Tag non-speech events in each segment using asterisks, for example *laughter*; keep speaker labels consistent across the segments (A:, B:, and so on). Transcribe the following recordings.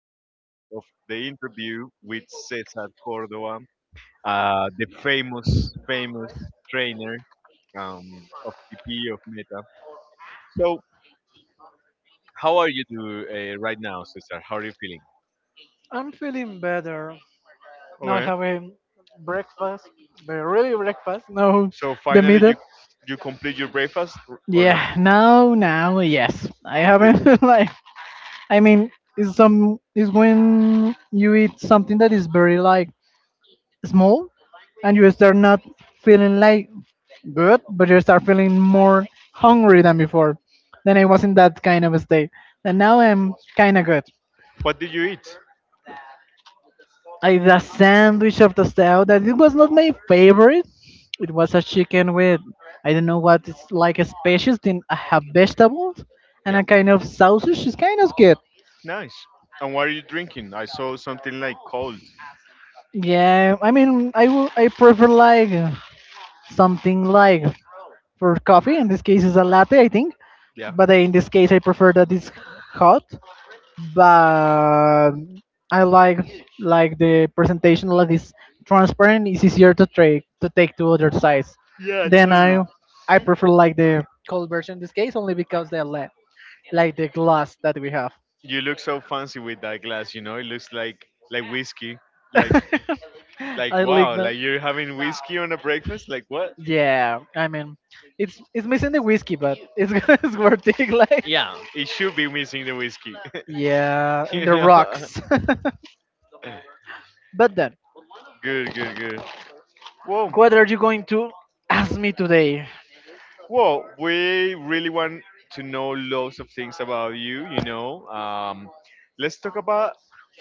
A: third part of the interview with Cesar Cordova, the famous trainer um, of PP of Meta. So, how are you do, right now, Cesar? How are you feeling?
B: I'm feeling better. Now I
A: Okay.
B: have a breakfast, but really breakfast. No,
A: So,
B: the
A: finally, you
B: middle.
A: you complete your breakfast or not?
B: Yeah, now, now, yes. I
A: Good.
B: haven't *laughs* like. I mean, it's some It's when you eat something that is very like small, and you start not feeling like good, but you start feeling more hungry than before. Then I was in that kind of a state, and now I'm kind of good.
A: What did you eat?
B: I the sandwich of the South. That it was not my favorite. It was a chicken with I don't know what it's like a species. Then I have vegetables and
A: Yeah.
B: a kind of sausage. It's kind of good.
A: Nice. And what are you drinking? I saw something like cold.
B: Yeah, I mean I prefer like something like for coffee. In this case, is a latte, I think.
A: Yeah.
B: But I, in this case, I prefer that it's hot, but I like the presentation that is transparent. It's easier to take to other sides.
A: Yeah,
B: Then
A: totally.
B: I prefer like the cold version in this case only because they let like the glass that we have.
A: You look so fancy with that glass, you know? It looks like whiskey. Like
B: *laughs*
A: like
B: I like
A: wow,
B: my,
A: like you're having whiskey on a breakfast? Like what?
B: yeah. I mean, it's missing the whiskey, but it's *laughs* it's worth it. *laughs* Like
A: Yeah. It should be missing the whiskey.
B: yeah,
A: *laughs*
B: in
A: You
B: the
A: know?
B: rocks. *laughs*
A: *laughs*
B: But then,
A: Good, good, good. Whoa.
B: what are you going to ask me today?
A: Well, we really want to know lots of things about you, you know. Let's talk about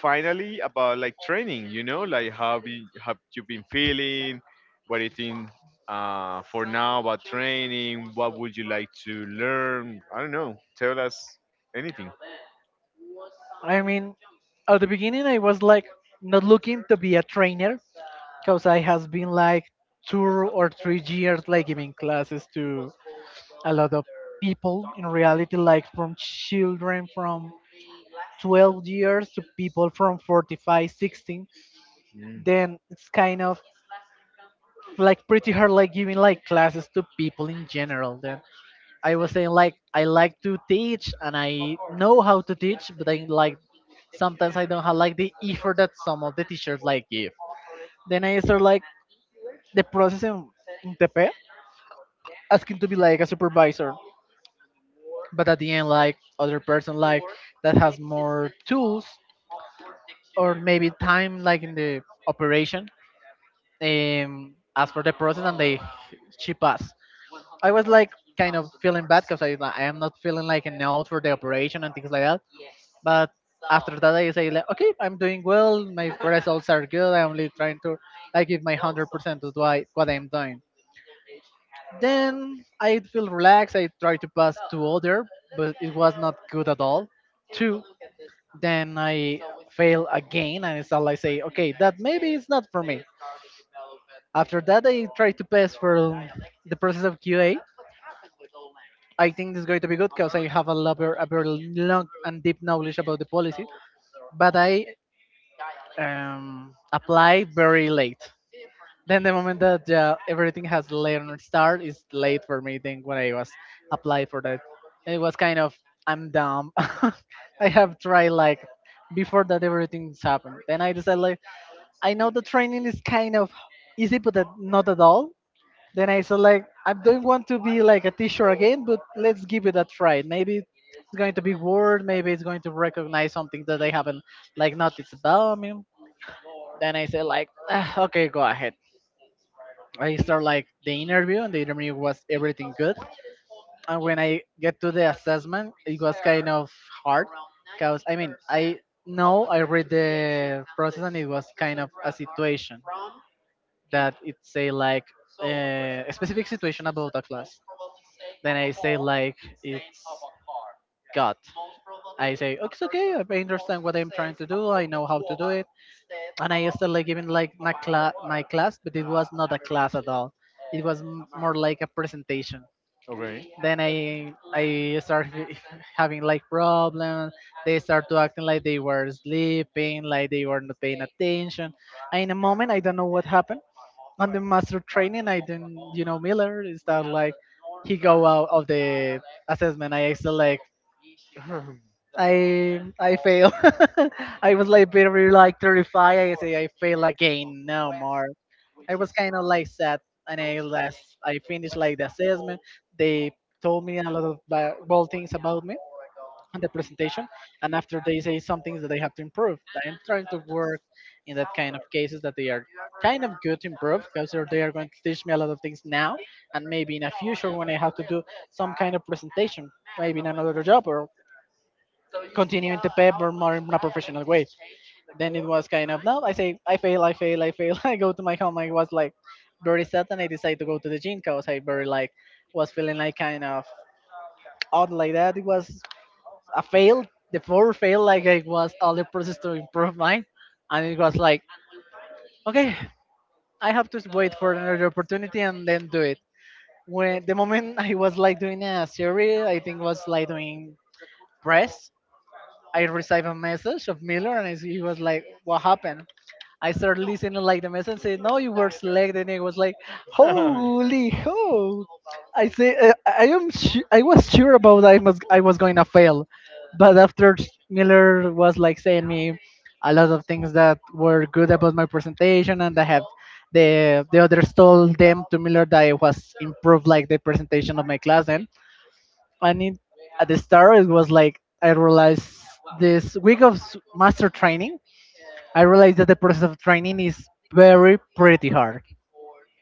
A: finally about like training, you know, like have you been feeling? What do you think for now about training? What would you like to learn? I don't know. Tell us anything.
B: I mean, at the beginning, I was like not looking to be a trainer because I has been like 2 or 3 years like giving classes to a lot of people in reality, like from children from 12 years to people from 45, 16.
A: Mm.
B: Then it's kind of like pretty hard like giving like classes to people in general. Then I was saying like I like to teach and I know how to teach, but I like sometimes I don't have like the effort that some of the teachers like give. Then I start like the process in TP, asking to be like a supervisor, but at the end like other person like that has more tools or maybe time like in the operation ask for the process and they chip us. I was like kind of feeling bad because I am not feeling like a note for the operation and things like that. But after that, I say like, okay, I'm doing well. My results are good. I'm only trying to, I give my 100% to what I'm doing. Then I feel relaxed. I try to pass to other, but it was not good at all. Two. Then I fail again, and it's all I say, okay, that maybe it's not for me. After that, I try to pass for the process of QA. I think this is going to be good because I have a, lot, a very long and deep knowledge about the policy, but I apply very late. Then the moment that everything has learned start is late for me. Then when I was applied for that, it was kind of I'm dumb. *laughs* I have tried like before that everything's happened. Then I decided like I know the training is kind of easy, but not at all. Then I said like I don't want to be like a teacher again, but let's give it a try. Maybe it's going to be word. Maybe it's going to recognize something that I haven't like noticed about me. Then I said like, "Ah, okay, go ahead. I start like the interview, and the interview was everything good. And when I get to the assessment, it was kind of hard, cause I mean I know I read the process, and it was kind of a situation that it say like a specific situation about a class. Then I say like it's God. I say "Okay, it's okay. I understand what I'm trying to do. I know how to do it. And I started like giving like my class, but it was not a class at all. It was more like a presentation.
A: Okay.
B: Then I started *laughs* having like problems. They start to acting like they were sleeping, like they were not paying attention. And in a moment, I don't know what happened on the master training. I didn't Miller is that like he go out of the assessment. I still like I fail. *laughs* I was like very like terrified. I say I fail again no more. It was kind of like sad, and I finished like the assessment. They told me a lot of bad things about me on the presentation, and after they say some things that I have to improve. I'm trying to work in that kind of cases that they are kind of good to improve because they are going to teach me a lot of things now, and maybe in a future when I have to do some kind of presentation, maybe in another job or continuing to pay but more in a professional way. Then it was kind of no, I say I fail, I fail, I fail. *laughs* I go to my home. I was like very sad, and I decided to go to the gym because I very like was feeling like kind of odd like that. It was a fail. The four fail like I was all the process to improve mine, and it was like okay, I have to wait for another opportunity and then do it. When the moment I was like doing a series, I think was like doing press, I received a message of Miller, and he was like, "What happened?" I started listening like the message and said, "No, you were selected." And it was like, "Holy ho!" I say, "I am, I was sure about I was going to fail," but after Miller was like saying me a lot of things that were good about my presentation, and I have the others told them to Miller that I was improved like the presentation of my class, and it at the start it was like I realized this week of master training, I realized that the process of training is very pretty hard.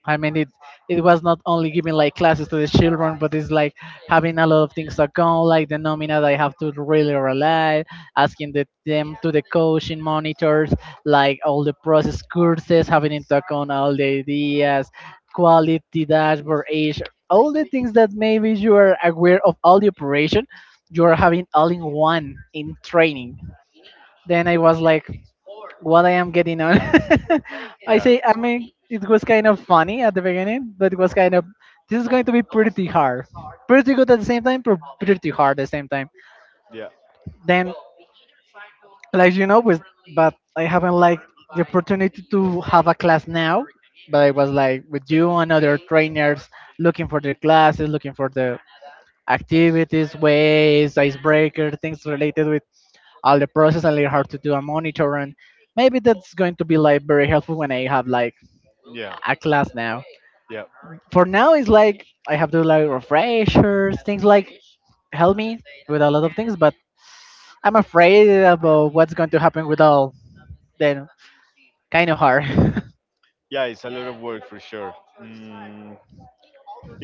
B: I mean, it was not only giving like classes to the children, but it's like having a lot of things to go, like the nomina that I have to really rely, asking the, them to the coaching monitors, like all the process courses, having in account all the ideas, quality dashboard, age, all the things that maybe you are aware of all the operation, you are having all in one in training. Then I was like, what I am getting on. *laughs* I
A: Yeah.
B: say, I mean, it was kind of funny at the beginning, but it was kind of, this is going to be pretty hard. Pretty good at the same time, but pretty hard at the same time. Then, like you know, with, but I haven't like the opportunity to have a class now. But I was like with you and other trainers looking for their classes, looking for the activities, ways, icebreaker, things related with all the process and learn how to do a monitor and maybe that's going to be like very helpful when I have like
A: Yeah. Yeah.
B: at class now.
A: Yeah.
B: For now, it's like I have to like refreshers, things like help me with a lot of things, but I'm afraid about what's going to happen with all. Then kind of hard.
A: Yeah, it's a lot of work for sure. Mm,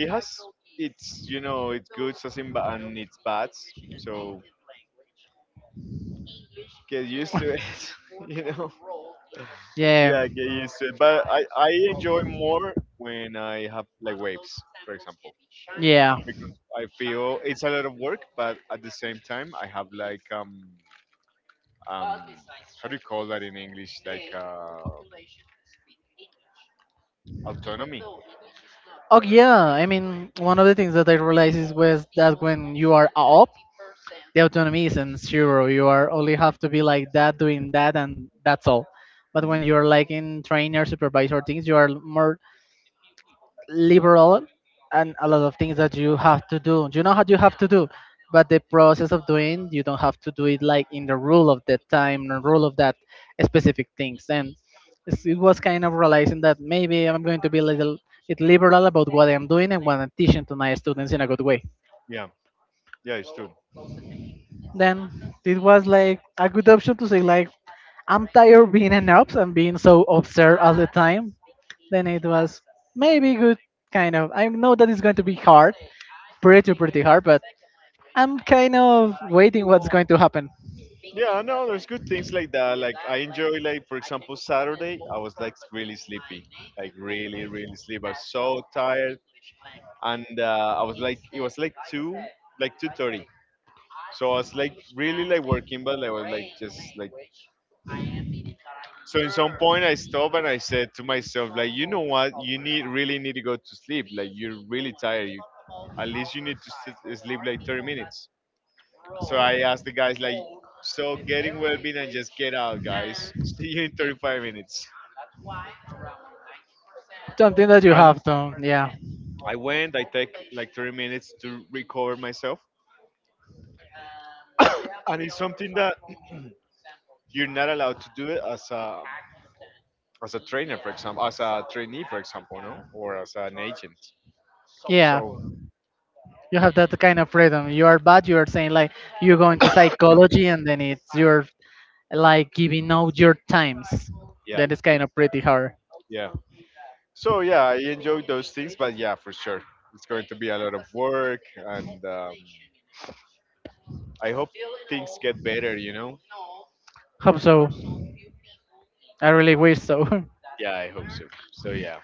A: it has it's you know it's good and and it's bad. So get used to it. *laughs* You know.
B: *laughs* Yeah.
A: Yeah, get used to it. But I enjoy more when I have like waves, for example,
B: Yeah.
A: because I feel it's a lot of work, but at the same time I have like um how do you call that in English like autonomy.
B: Oh yeah, I mean one of the things that I realized is was that when you are up, the autonomy isn't zero. You are only have to be like that, doing that, and that's all. But when
A: Mhm.
B: you're like in trainer, supervisor things, you are more liberal and a lot of things that you have to do. You know how you have to do, but the process of doing, you don't have to do it like in the rule of that time, the rule of that specific things. And it was kind of realizing that maybe I'm going to be a little bit liberal about what I'm doing and what I'm teaching to my students in a good way.
A: Yeah. Yeah, it's true.
B: Then it was like a good option to say like I'm tired of being an ops and being so observed all the time. Then it was maybe good kind of. I know that it's going to be hard, pretty hard, but I'm kind of waiting what's going to happen.
A: Yeah, no, there's good things like that. Like I enjoy like for example Saturday, I was like really sleepy, like really sleepy. I was so tired, and I was like it was like 2:30, so I was like really like working, but I was like just like so. In some point, I stopped and I said to myself like, you know what, you need really need to go to sleep. Like you're really tired. You at least you need to sleep like 30 minutes. So I asked the guys like, so getting well being and just get out, guys. *laughs* See you in 35 minutes.
B: Something that you
A: And
B: have to, yeah,
A: I went, I take like 30 minutes to recover myself. And it's something that you're not allowed to do it as a trainer, for example, as a trainee, for example, no, or as an agent.
B: yeah.
A: So
B: You have that kind of freedom. You are bad. You are saying like you go into psychology, and then it's your like giving out your times.
A: yeah,
B: That is kind of pretty hard.
A: yeah. So yeah, I enjoy those things, but yeah, for sure, it's going to be a lot of work, and I hope things get better. You know?
B: Hope so. I really wish so. *laughs*
A: Yeah, I hope so. So yeah.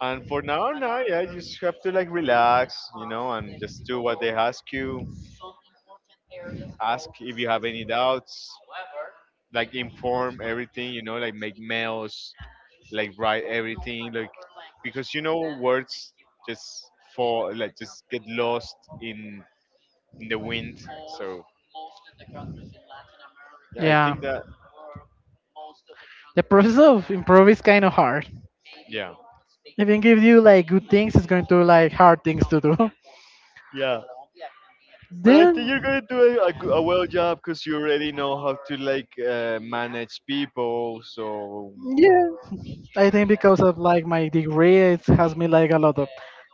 A: And for yeah, you just have to like relax, you know, and just do what they ask you. Ask if you have any doubts. Like inform everything, you know, like make mails, like write everything, like because you know words just fall, like just get lost in in the wind. So yeah, I
B: Yeah.
A: think that
B: The process of improve is kind of hard.
A: yeah.
B: If it gives you like good things, it's going to like hard things to do. *laughs*
A: Yeah. But I think
B: Then
A: you're gonna do a well job because you already know how to like manage people. So
B: yeah, I think because of like my degree, it has me like a lot of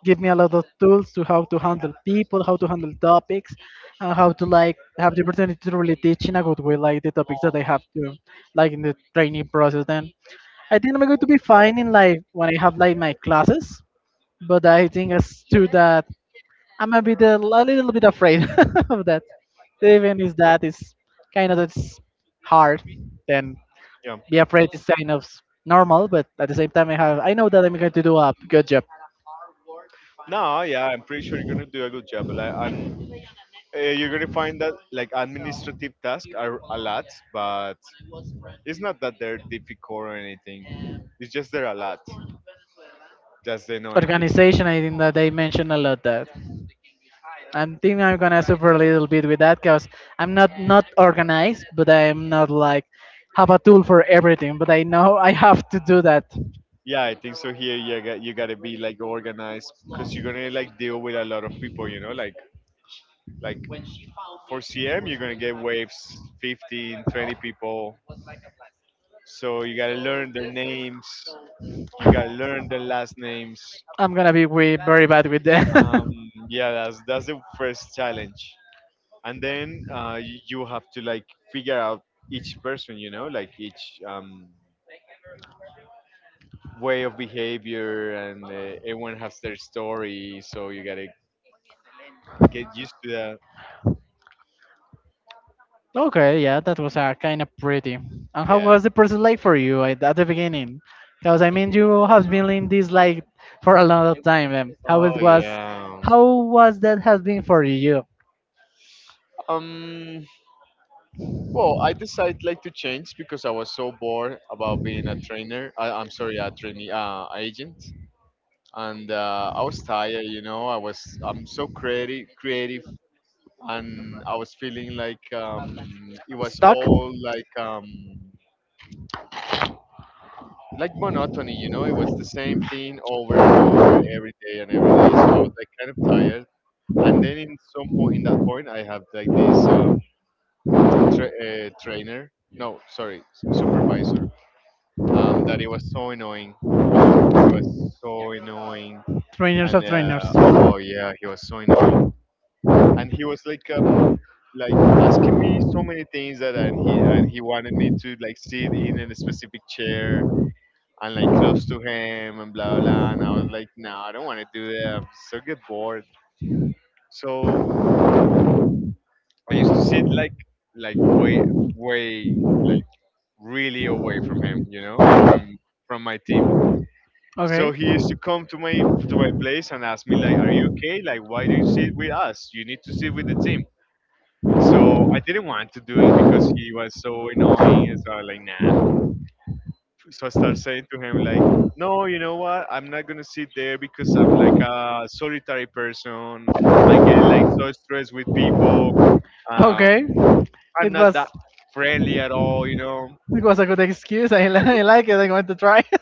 B: give me a lot of tools to how to handle people, how to handle topics, and how to like have the opportunity to really teach in a good way, like the topics that I have to like in the training process. Then I think I'm going to be fine in life when I have like my classes, but I think as to that, I'm a little bit afraid *laughs* of that. Even is that is kind of it's hard, then
A: yeah.
B: be afraid is kind of normal. But at the same time, I know that I'm going to do a good job.
A: No, yeah, I'm pretty sure you're gonna do a good job. Like, and you're gonna find that like administrative tasks are a lot, but it's not that they're difficult or anything. It's just they're a lot. Just the annoying thing.
B: Organization, I think that they mentioned a lot that. I'm thinking I'm gonna suffer a little bit with that because I'm not organized, but I'm not like have a tool for everything. But I know I have to do that.
A: Yeah, I think so. Here, you gotta be like organized because you're gonna like deal with a lot of people. You know, like for CM, you're gonna get waves 15, 20 people. So you gotta learn their names. You gotta learn their last names.
B: I'm gonna be we very bad with that.
A: Um, yeah, that's the first challenge. And then you have to like figure out each person. You know, like each way of behavior, and everyone has their story, so you gotta get used to that.
B: *laughs* Okay, yeah, that was kind of pretty. And how
A: Yeah.
B: was the process like for you at the beginning? Because I mean, you have been in this like for a lot of time. How it
A: Oh
B: was,
A: yeah.
B: how was that has been for you?
A: Um. Well, I decided like to change because I was so bored about being a trainer. I'm sorry, a trainee, agent, and I was tired. You know, I'm so creative, and I was feeling like it was
B: Stuck,
A: all like monotony, you know, it was the same thing over and over every day and every day. So I was like kind of tired. And then in some point, in that point, I have like this trainer, no, sorry, supervisor, that it was so annoying, you know, he was so annoying.
B: trainers
A: And
B: of trainers.
A: oh yeah, he was so annoying. And he was like asking me so many things that and he wanted me to like sit in a specific chair and like close to him and blah blah. And I was like, no, I don't want to do that. I'm so get bored. So I used to sit like way way like really away from him, you know, I'm from my team. So
B: Okay,
A: he used to come to my place and ask me like, "Are you okay? Like, why do you sit with us? You need to sit with the team." So I didn't want to do it because he was so annoying. So I was like, "Nah, so I start saying to him like, no, you know what? I'm not gonna sit there because I'm like a solitary person. I get like so stressed with people. Um,
B: okay,
A: I'm
B: it
A: not
B: was
A: that friendly at all, you know.
B: it was a good excuse. *laughs* I like it. I'm going to try. *laughs*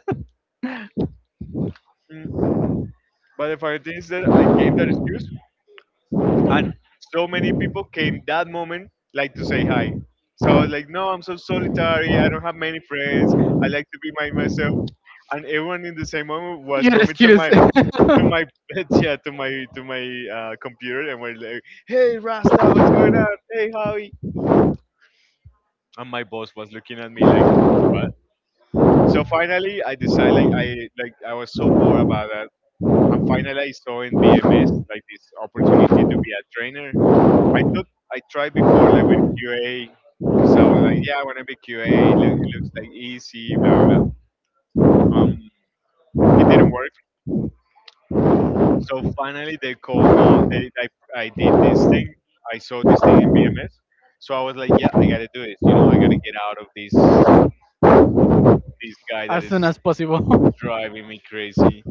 A: Mm, But the funny thing is that I gave that excuse, and so many people came that moment like to say hi. So I was like, no, I'm so solitary. I don't have many friends. I like to be by myself. And everyone in the same moment was
B: Your
A: coming to
B: excuse.
A: my *laughs* to my computer and we're like hey rasta what's going on hey howie
B: *laughs*
A: and my boss was looking at me like what. So finally I decided like I like I was so bored about that and finally I saw in BMS like this opportunity to be a trainer. I thought I tried before like with QA because I was like yeah I want to be QA it looks like easy blah blah. um it didn't work. So finally, they call me. I did this thing. I saw this thing in BMS. So I was like, yeah, I gotta do it. You know, I gotta get out of this guy that
B: As soon
A: is
B: as possible.
A: driving me crazy.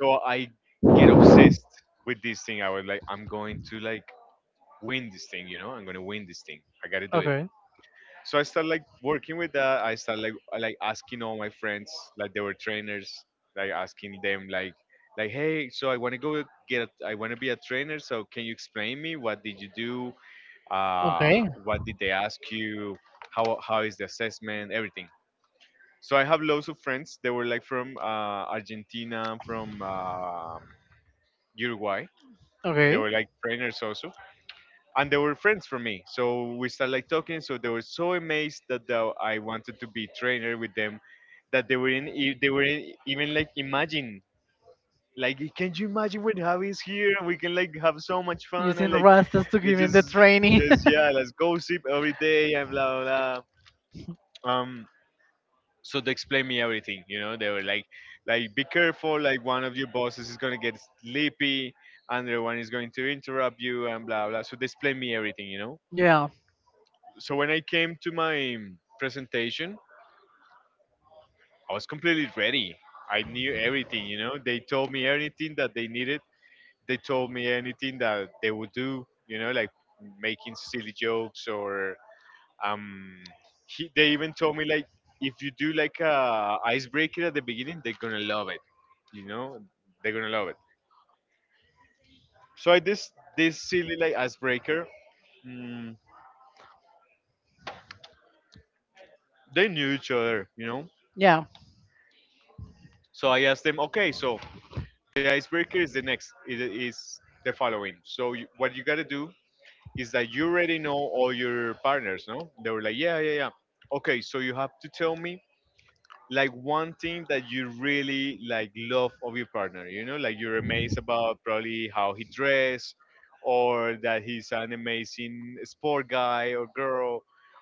A: So I get obsessed with this thing. I was like, I'm going to like win this thing. You know, I'm gonna win this thing. I gotta
B: *laughs*
A: do it.
B: Okay.
A: So I started like working with that. I started like asking all my friends, like they were trainers, like asking them like hey, so I want to go get I want to be a trainer. So can you explain me what did you do?
B: Okay.
A: What did they ask you? How is the assessment? Everything. So I have loads of friends. They were like from Argentina, from Uruguay. They
B: Okay.
A: were like trainers also and they were friends for me. So we started like talking. So they were so amazed that I wanted to be trainer with them, that they were in, even like imagine, like can you imagine when Javi is here? We can like have so much fun
B: Using
A: and like
B: Rastas to
A: let's
B: give him the training. *laughs*
A: just yeah, let's gossip every day and blah blah blah. So they explained me everything. You know, they were like be careful. Like one of your bosses is gonna get sleepy, another one is going to interrupt you and blah blah. So they explained me everything. You know
B: Yeah.
A: so when I came to my presentation, I was completely ready. I knew everything, you know. They told me anything that they needed. They told me anything that they would do, you know, like making silly jokes or um. They even told me like if you do like a icebreaker at the beginning, they're gonna love it, you know. They're gonna love it. So I this silly like icebreaker. Mm, they knew each other, you know.
B: Yeah.
A: So I asked them, okay, so the icebreaker is the following. So you, what you gotta do is that you already know all your partners, no? They were like, yeah, yeah, yeah. Okay, so you have to tell me like one thing that you really like love of your partner. You know, like you're amazed about probably how he dress, or that he's an amazing sport guy or girl,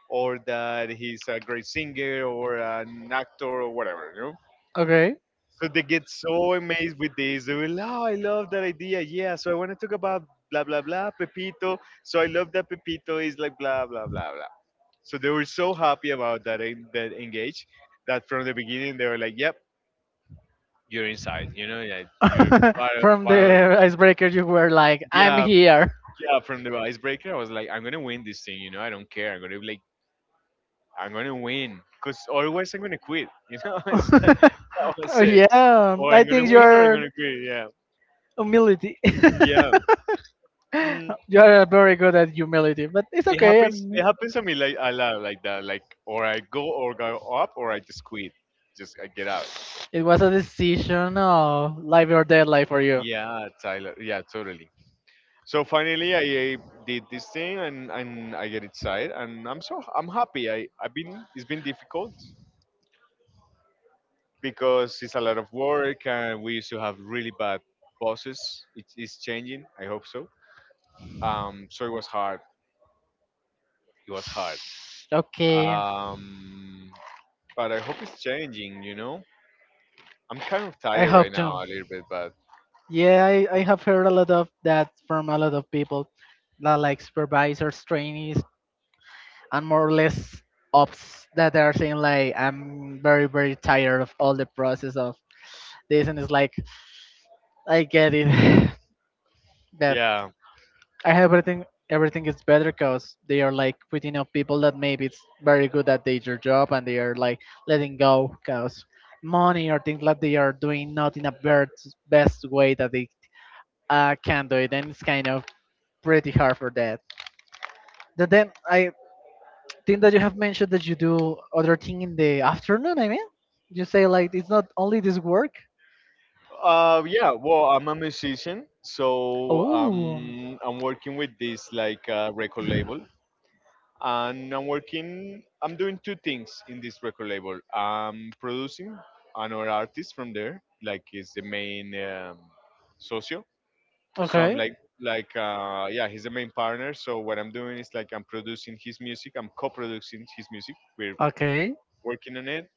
A: or that he's a great singer or an actor or whatever. You know?
B: Okay.
A: So they get so amazed with this. They will, oh, I love that idea. Yeah. So I want to talk about blah, blah, blah, Pepito. So I love that Pepito is like blah, blah, blah, blah. So they were so happy about that, that engage that from the beginning they were like, yep, you're inside. You know, yeah, you're
B: *laughs*
A: far,
B: From
A: far. *laughs*
B: the icebreaker, you were like, I'm
A: Yeah.
B: here.
A: Yeah. From the icebreaker, I was like, I'm going to win this thing. You know, I don't care. I'm going to like, I'm going to win because otherwise I'm going to quit. You know, *laughs* That
B: *laughs*
A: that was
B: Oh,
A: it.
B: yeah,
A: Or
B: I
A: I'm going to
B: think
A: win or I'm
B: you're
A: going to quit. Yeah.
B: humility.
A: Yeah.
B: *laughs*
A: *laughs* Mm.
B: You are very good at humility, but it's
A: it
B: okay.
A: happens it happens to me like a lot like that, like or I go or go up or I just quit, just I get out.
B: It was a decision of life or death life for you.
A: Yeah, Tyler, yeah, totally. So finally I did this thing, and I get inside, and I'm happy. I've been, it's been difficult because it's a lot of work, and we used to have really bad bosses. It is changing, I hope so. So it was hard. It was hard.
B: Okay,
A: um but I hope it's changing, you know. I'm kind of
B: I
A: tired right
B: hope
A: now
B: to.
A: a little bit, but
B: Yeah, I have heard a lot of that from a lot of people, like supervisors, trainees, and more or less ops that are saying like I'm very tired of all the process of this and it's like I get it *laughs* that
A: yeah.
B: I have everything everything is better because they are like putting up people that maybe it's very good at their job and they are like letting go because money or things like they are doing not in a best way that they can do it and it's kind of pretty hard for that. But then I thing that you have mentioned that you do other thing in the afternoon, I mean? You say like it's not only this work?
A: Yeah. Well, I'm a musician, so
B: Oh,
A: I'm working with this like record label, and I'm working. I'm doing two things in this record label. I'm producing another artist from there, like is the main socio. So I'm
B: okay.
A: like yeah, he's the main partner. So what I'm doing is like I'm producing his music. I'm co-producing his music. We're
B: Okay.
A: working on it.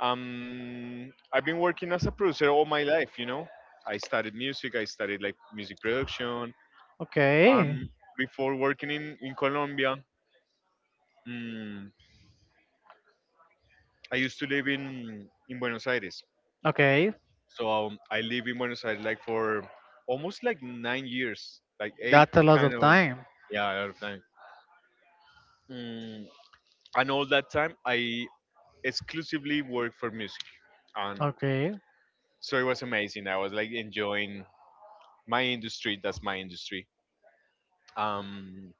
A: I've been working as a producer all my life. You know, I studied music. I studied like music production.
B: Okay.
A: Um, Before working in Colombia, mm, I used to live in Buenos Aires.
B: Okay.
A: So I live in Buenos Aires like for almost like 9 years, like eight
B: That's a lot
A: kind
B: of
A: of.
B: time.
A: Yeah, a lot of time. Mm, and all that time, I exclusively worked for music, and
B: Okay.
A: so it was amazing. I was like enjoying my industry. That's my industry. Um,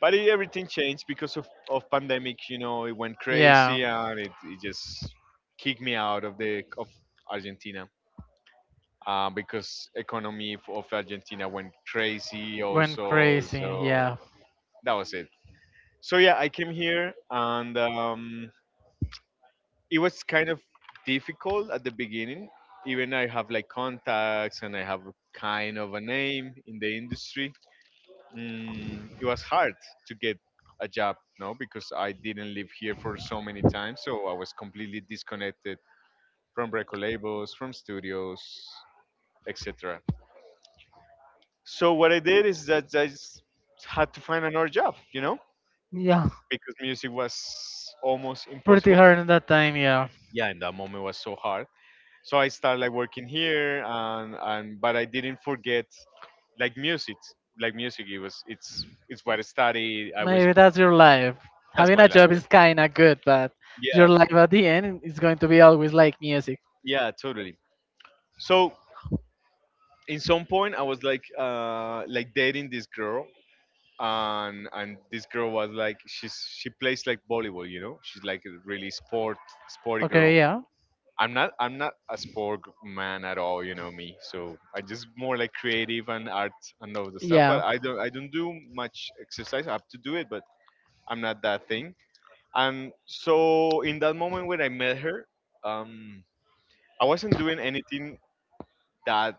A: but it, everything changed because of pandemic. You know, it went
B: Yeah.
A: crazy and it just kicked me out of the of Argentina because economy of Argentina went crazy
B: Went
A: also.
B: crazy.
A: So
B: Yeah.
A: that was it. So yeah, I came here and it was kind of difficult at the beginning. Even I have like contacts and I have kind of a name in the industry. Mm, it was hard to get a job, no, because I didn't live here for so many times, so I was completely disconnected from record labels, from studios, etc. So what I did is that I just had to find another job, you know,
B: Yeah,
A: because music was almost
B: pretty
A: impossible.
B: hard in that time, yeah.
A: Yeah, in that moment was so hard. So I started like working here and but I didn't forget like music. Like music it was, it's what I studied. I was
B: Maybe that's your life.
A: that's
B: Having
A: my
B: a
A: life.
B: job is kinda good, but
A: Yeah.
B: your life at the end is going to be always like music.
A: Yeah, totally. So in some point I was like dating this girl, and this girl was like she plays like volleyball, you know. She's like a really sport sporty girl.
B: Okay, yeah.
A: I'm not a sport man at all, you know me, so I just more like creative and art, and all the stuff, but
B: Yeah.
A: I don't do much exercise. I have to do it, but I'm not that thing. And so in that moment when I met her, um I wasn't doing anything that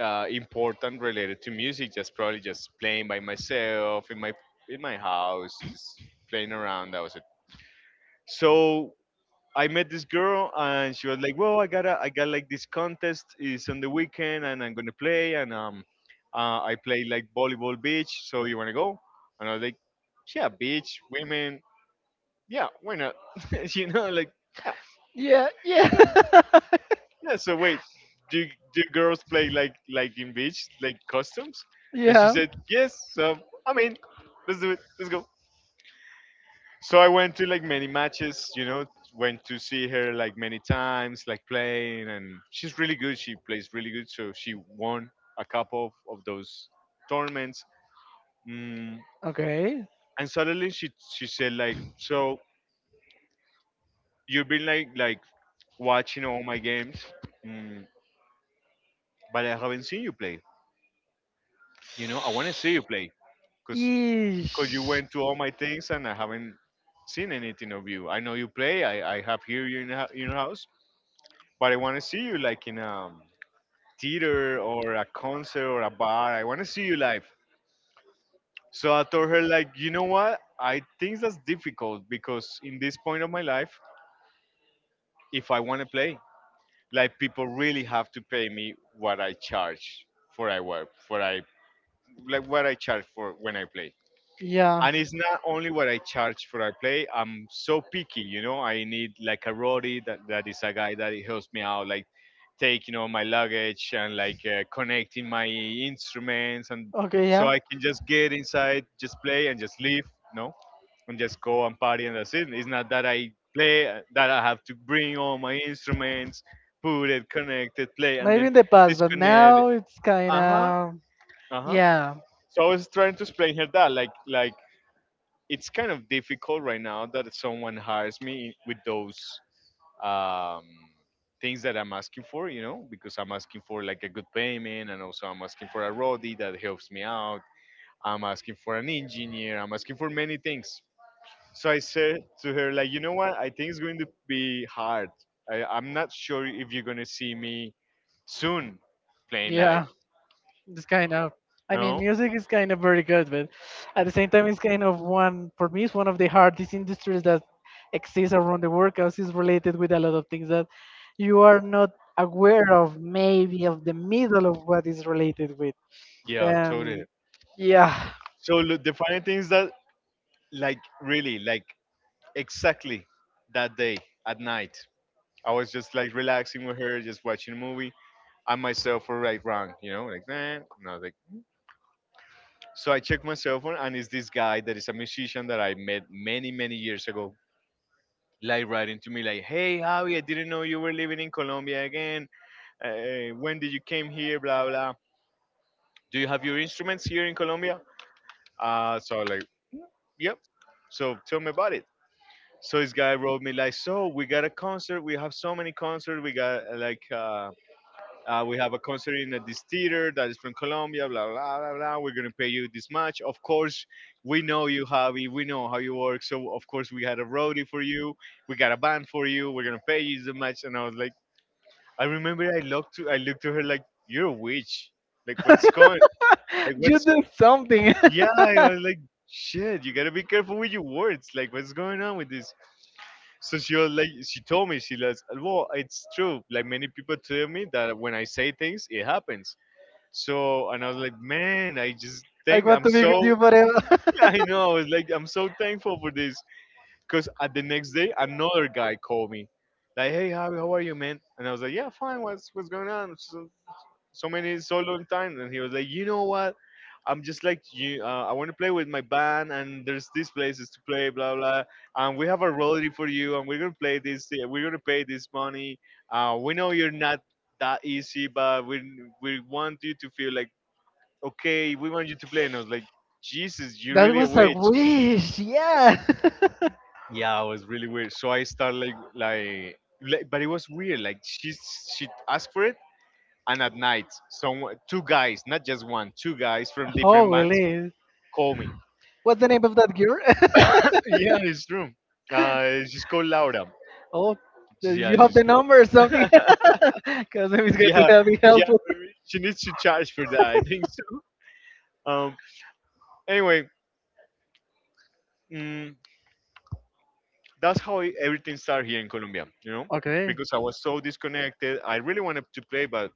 A: important related to music. Just probably just playing by myself in my house, just playing around. That was it. So I met this girl, and she was like, "Well, I got like this contest is on the weekend, and I'm gonna play, and I play like volleyball beach. So you wanna go?" And I was like, "Yeah, beach, women, yeah, why not? *laughs* you know, like." Yeah.
B: Yeah, yeah.
A: Yeah. So wait, do do girls play like in beach like costumes?
B: *laughs*
A: And she
B: Yeah.
A: said yes. So I mean, let's do it. Let's go. So I went to like many matches. You know, went to see her like many times, like playing, and she's really good. She plays really good. So she won a couple of those tournaments. Mm,
B: Okay.
A: and suddenly she said like, so you've been like watching all my games, mm, but I haven't seen you play. You know, I want to see you play because you
B: Ish.
A: went to all my things and I haven't seen anything of you. I know you play. I have hear you in the in your house, but I want to see you like in a theater or a concert or a bar. I want to see you live. So I told her like, you know what? I think that's difficult because in this point of my life, if I want to play, like people really have to pay me what I charge for I work for I like what I charge for when I play.
B: Yeah.
A: And it's not only what I charge for I play. I'm so picky, you know. I need like a roadie that is a guy that it helps me out, like taking all my luggage and like connecting my instruments, and
B: Okay,
A: so
B: yeah.
A: I can just get inside, just play and just leave, no, and just go and party and that's it. It's not that I play that I have to bring all my instruments, put it, connect it, play, and
B: Maybe
A: then
B: in the past, but
A: disconnect.
B: now it's kind
A: Uh huh.
B: of
A: Uh huh.
B: yeah,
A: So I was trying to explain her that, like it's kind of difficult right now that someone hires me with those um, things that I'm asking for, you know, because I'm asking for like a good payment, and also I'm asking for a roadie that helps me out. I'm asking for an engineer. I'm asking for many things. So I said to her, like, you know what? I think it's going to be hard. I'm not sure if you're going to see me soon playing live.
B: yeah. It's kind of, I mean,
A: No?
B: music is kind of very good, but at the same time, it's kind of one, for me, it's one of the hardest industries that exists around the world because it's related with a lot of things that you are not aware of, maybe of the middle of what is related with.
A: Yeah, totally.
B: And yeah,
A: So look, the funny thing is that, like, really, like, exactly that day at night. I was just like relaxing with her, just watching a movie. I myself were right wrong, you know, like nah. And I was like, so I checked my cell phone, and it's this guy that is a musician that I met many, many years ago, like writing to me like, hey Javi, I didn't know you were living in Colombia again. When did you came here? Blah blah. Do you have your instruments here in Colombia? So I was like, yep. So tell me about it. So this guy wrote me like, so we got a concert. We have so many concerts. We got we have a concert in this theater that is from Colombia. Blah blah blah blah. We're gonna pay you this much. Of course, we know you, Javi. We know how you work. So of course, we had a roadie for you. We got a band for you. We're gonna pay you so much. And I was like, I remember I looked to her like, you're a witch. Like what's going? Like
B: *laughs* you
A: what's?
B: do something.
A: Yeah, I was like, shit, you gotta be careful with your words. Like, what's going on with this? So she told me, she was, well, it's true. Like many people tell me that when I say things, it happens. So, and I was like, man, I just
B: *laughs* I
A: think
B: want
A: I'm
B: to be with
A: so,
B: you forever.
A: *laughs* I know, I was like, I'm so thankful for this. Because at the next day, another guy called me. Like, hey, Javi, how are you, man? And I was like, yeah, fine. What's going on? So so many, so long time, and he was like, you know what,
B: *laughs*
A: I'm just like you. I want to play with my band, and there's these places to play, blah blah, and we have a royalty for you, and we're gonna play this, we're gonna pay this money. We know you're not that easy, but we want you to feel like okay, we want you to play. And I was like, Jesus, you're
B: That
A: really a
B: was a
A: witch.
B: wish, yeah. *laughs*
A: Yeah, I was really weird. So I started but it was weird. Like she asked for it, and at night, some two guys, not just one, two guys from
B: Oh,
A: different bands
B: really?
A: call me.
B: What's the name of that girl?
A: Yeah, it's true. She's called Laura.
B: *laughs* Oh, do
A: Yeah,
B: you have
A: she's
B: the
A: called.
B: number or
A: *laughs*
B: something? *laughs* Because if it's going to
A: Yeah,
B: help me
A: yeah,
B: helpful.
A: she needs to charge for that. I
B: *laughs*
A: think so. Um, anyway, mm, that's how everything started here in Colombia. You know,
B: Okay.
A: because I was so disconnected. I really wanted to play, but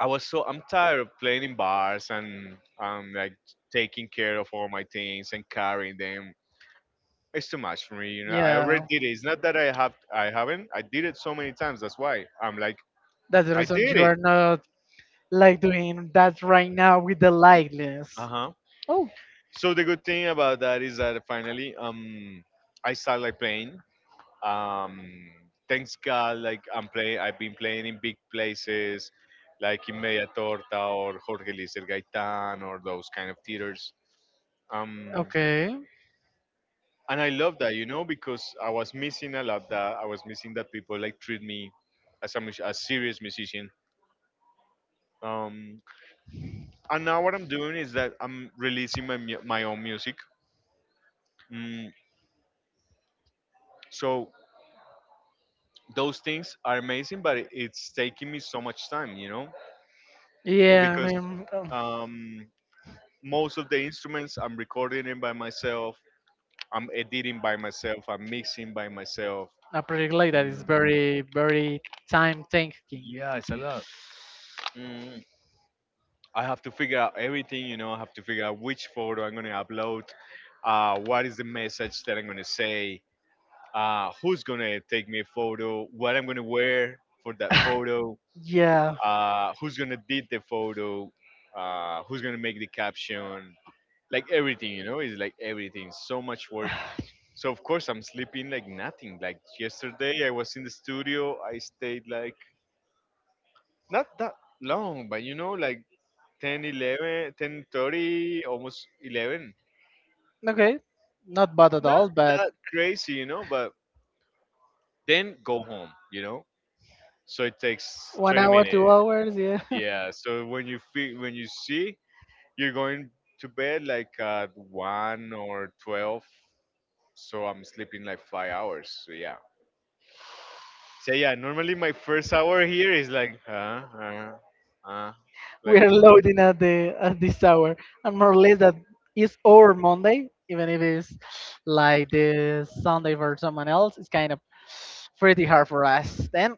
A: I was so I'm tired of playing in bars, and like taking care of all my things and carrying them. It's too much for me. You know, I
B: Yeah,
A: already did it. It's not that I have, I haven't. I did it so many times. That's why I'm like,
B: that's the
A: I
B: reason
A: did
B: you
A: it.
B: are not like doing that right now with the likeness.
A: Uh huh.
B: Oh,
A: So the good thing about that is that finally, I started like playing. Um, Thanks God, like I'm playing. I've been playing in big places, like in Media Torta or Jorge Luis El Gaitán or those kind of theaters. Um,
B: okay.
A: and I love that, you know, because I was missing a lot that I was missing that people like treat me as a, a serious musician. Um, and now what I'm doing is that I'm releasing my my own music. Mm, so those things are amazing, but it's taking me so much time, you know,
B: Yeah, I
A: because
B: mean,
A: um, most of the instruments I'm recording it by myself. I'm editing by myself. I'm mixing by myself.
B: a project like that is
A: Mm,
B: very, very time taking.
A: yeah, it's a lot. Mm, I have to figure out everything, you know. I have to figure out which photo I'm going to upload, what is the message that I'm going to say, who's gonna take me a photo, what I'm gonna wear for that photo,
B: Yeah,
A: who's gonna edit the photo, who's gonna make the caption, like everything, you know, it's like everything, so much work. So of course I'm sleeping like nothing. Like yesterday I was in the studio, I stayed like not that long, but you know, like 10, 11, 10:30, almost 11.
B: okay, not bad at
A: Not
B: all, but
A: that crazy, you know, but then go home, you know. So it takes
B: one
A: 20
B: hour,
A: minutes.
B: 2 hours, yeah. *laughs*
A: Yeah, so when you feel when you see you're going to bed like at 1 or 12, so I'm sleeping like 5 hours. So yeah. So yeah, normally my first hour here is like uh uh
B: We
A: like
B: are
A: uh,
B: loading at the at this hour, and more or less that is our Monday, even if it's like the Sunday for someone else. It's kind of pretty hard for us. Then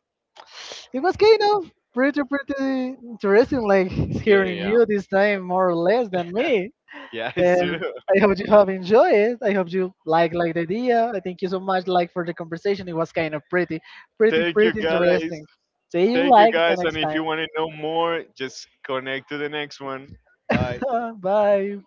B: it was kind of pretty, pretty interesting, like
A: yeah,
B: hearing
A: yeah,
B: you this time more or less than me.
A: yeah. *laughs* It's true.
B: Then I hope you have enjoyed it. I hope you like the idea. I thank you so much like for the conversation. It was kind of pretty, pretty,
A: Thank you
B: pretty
A: guys.
B: interesting. See you
A: Thank you
B: like the
A: guys, and
B: next
A: if
B: time.
A: you want to know more, just connect to the next one. Bye.
B: *laughs* Bye.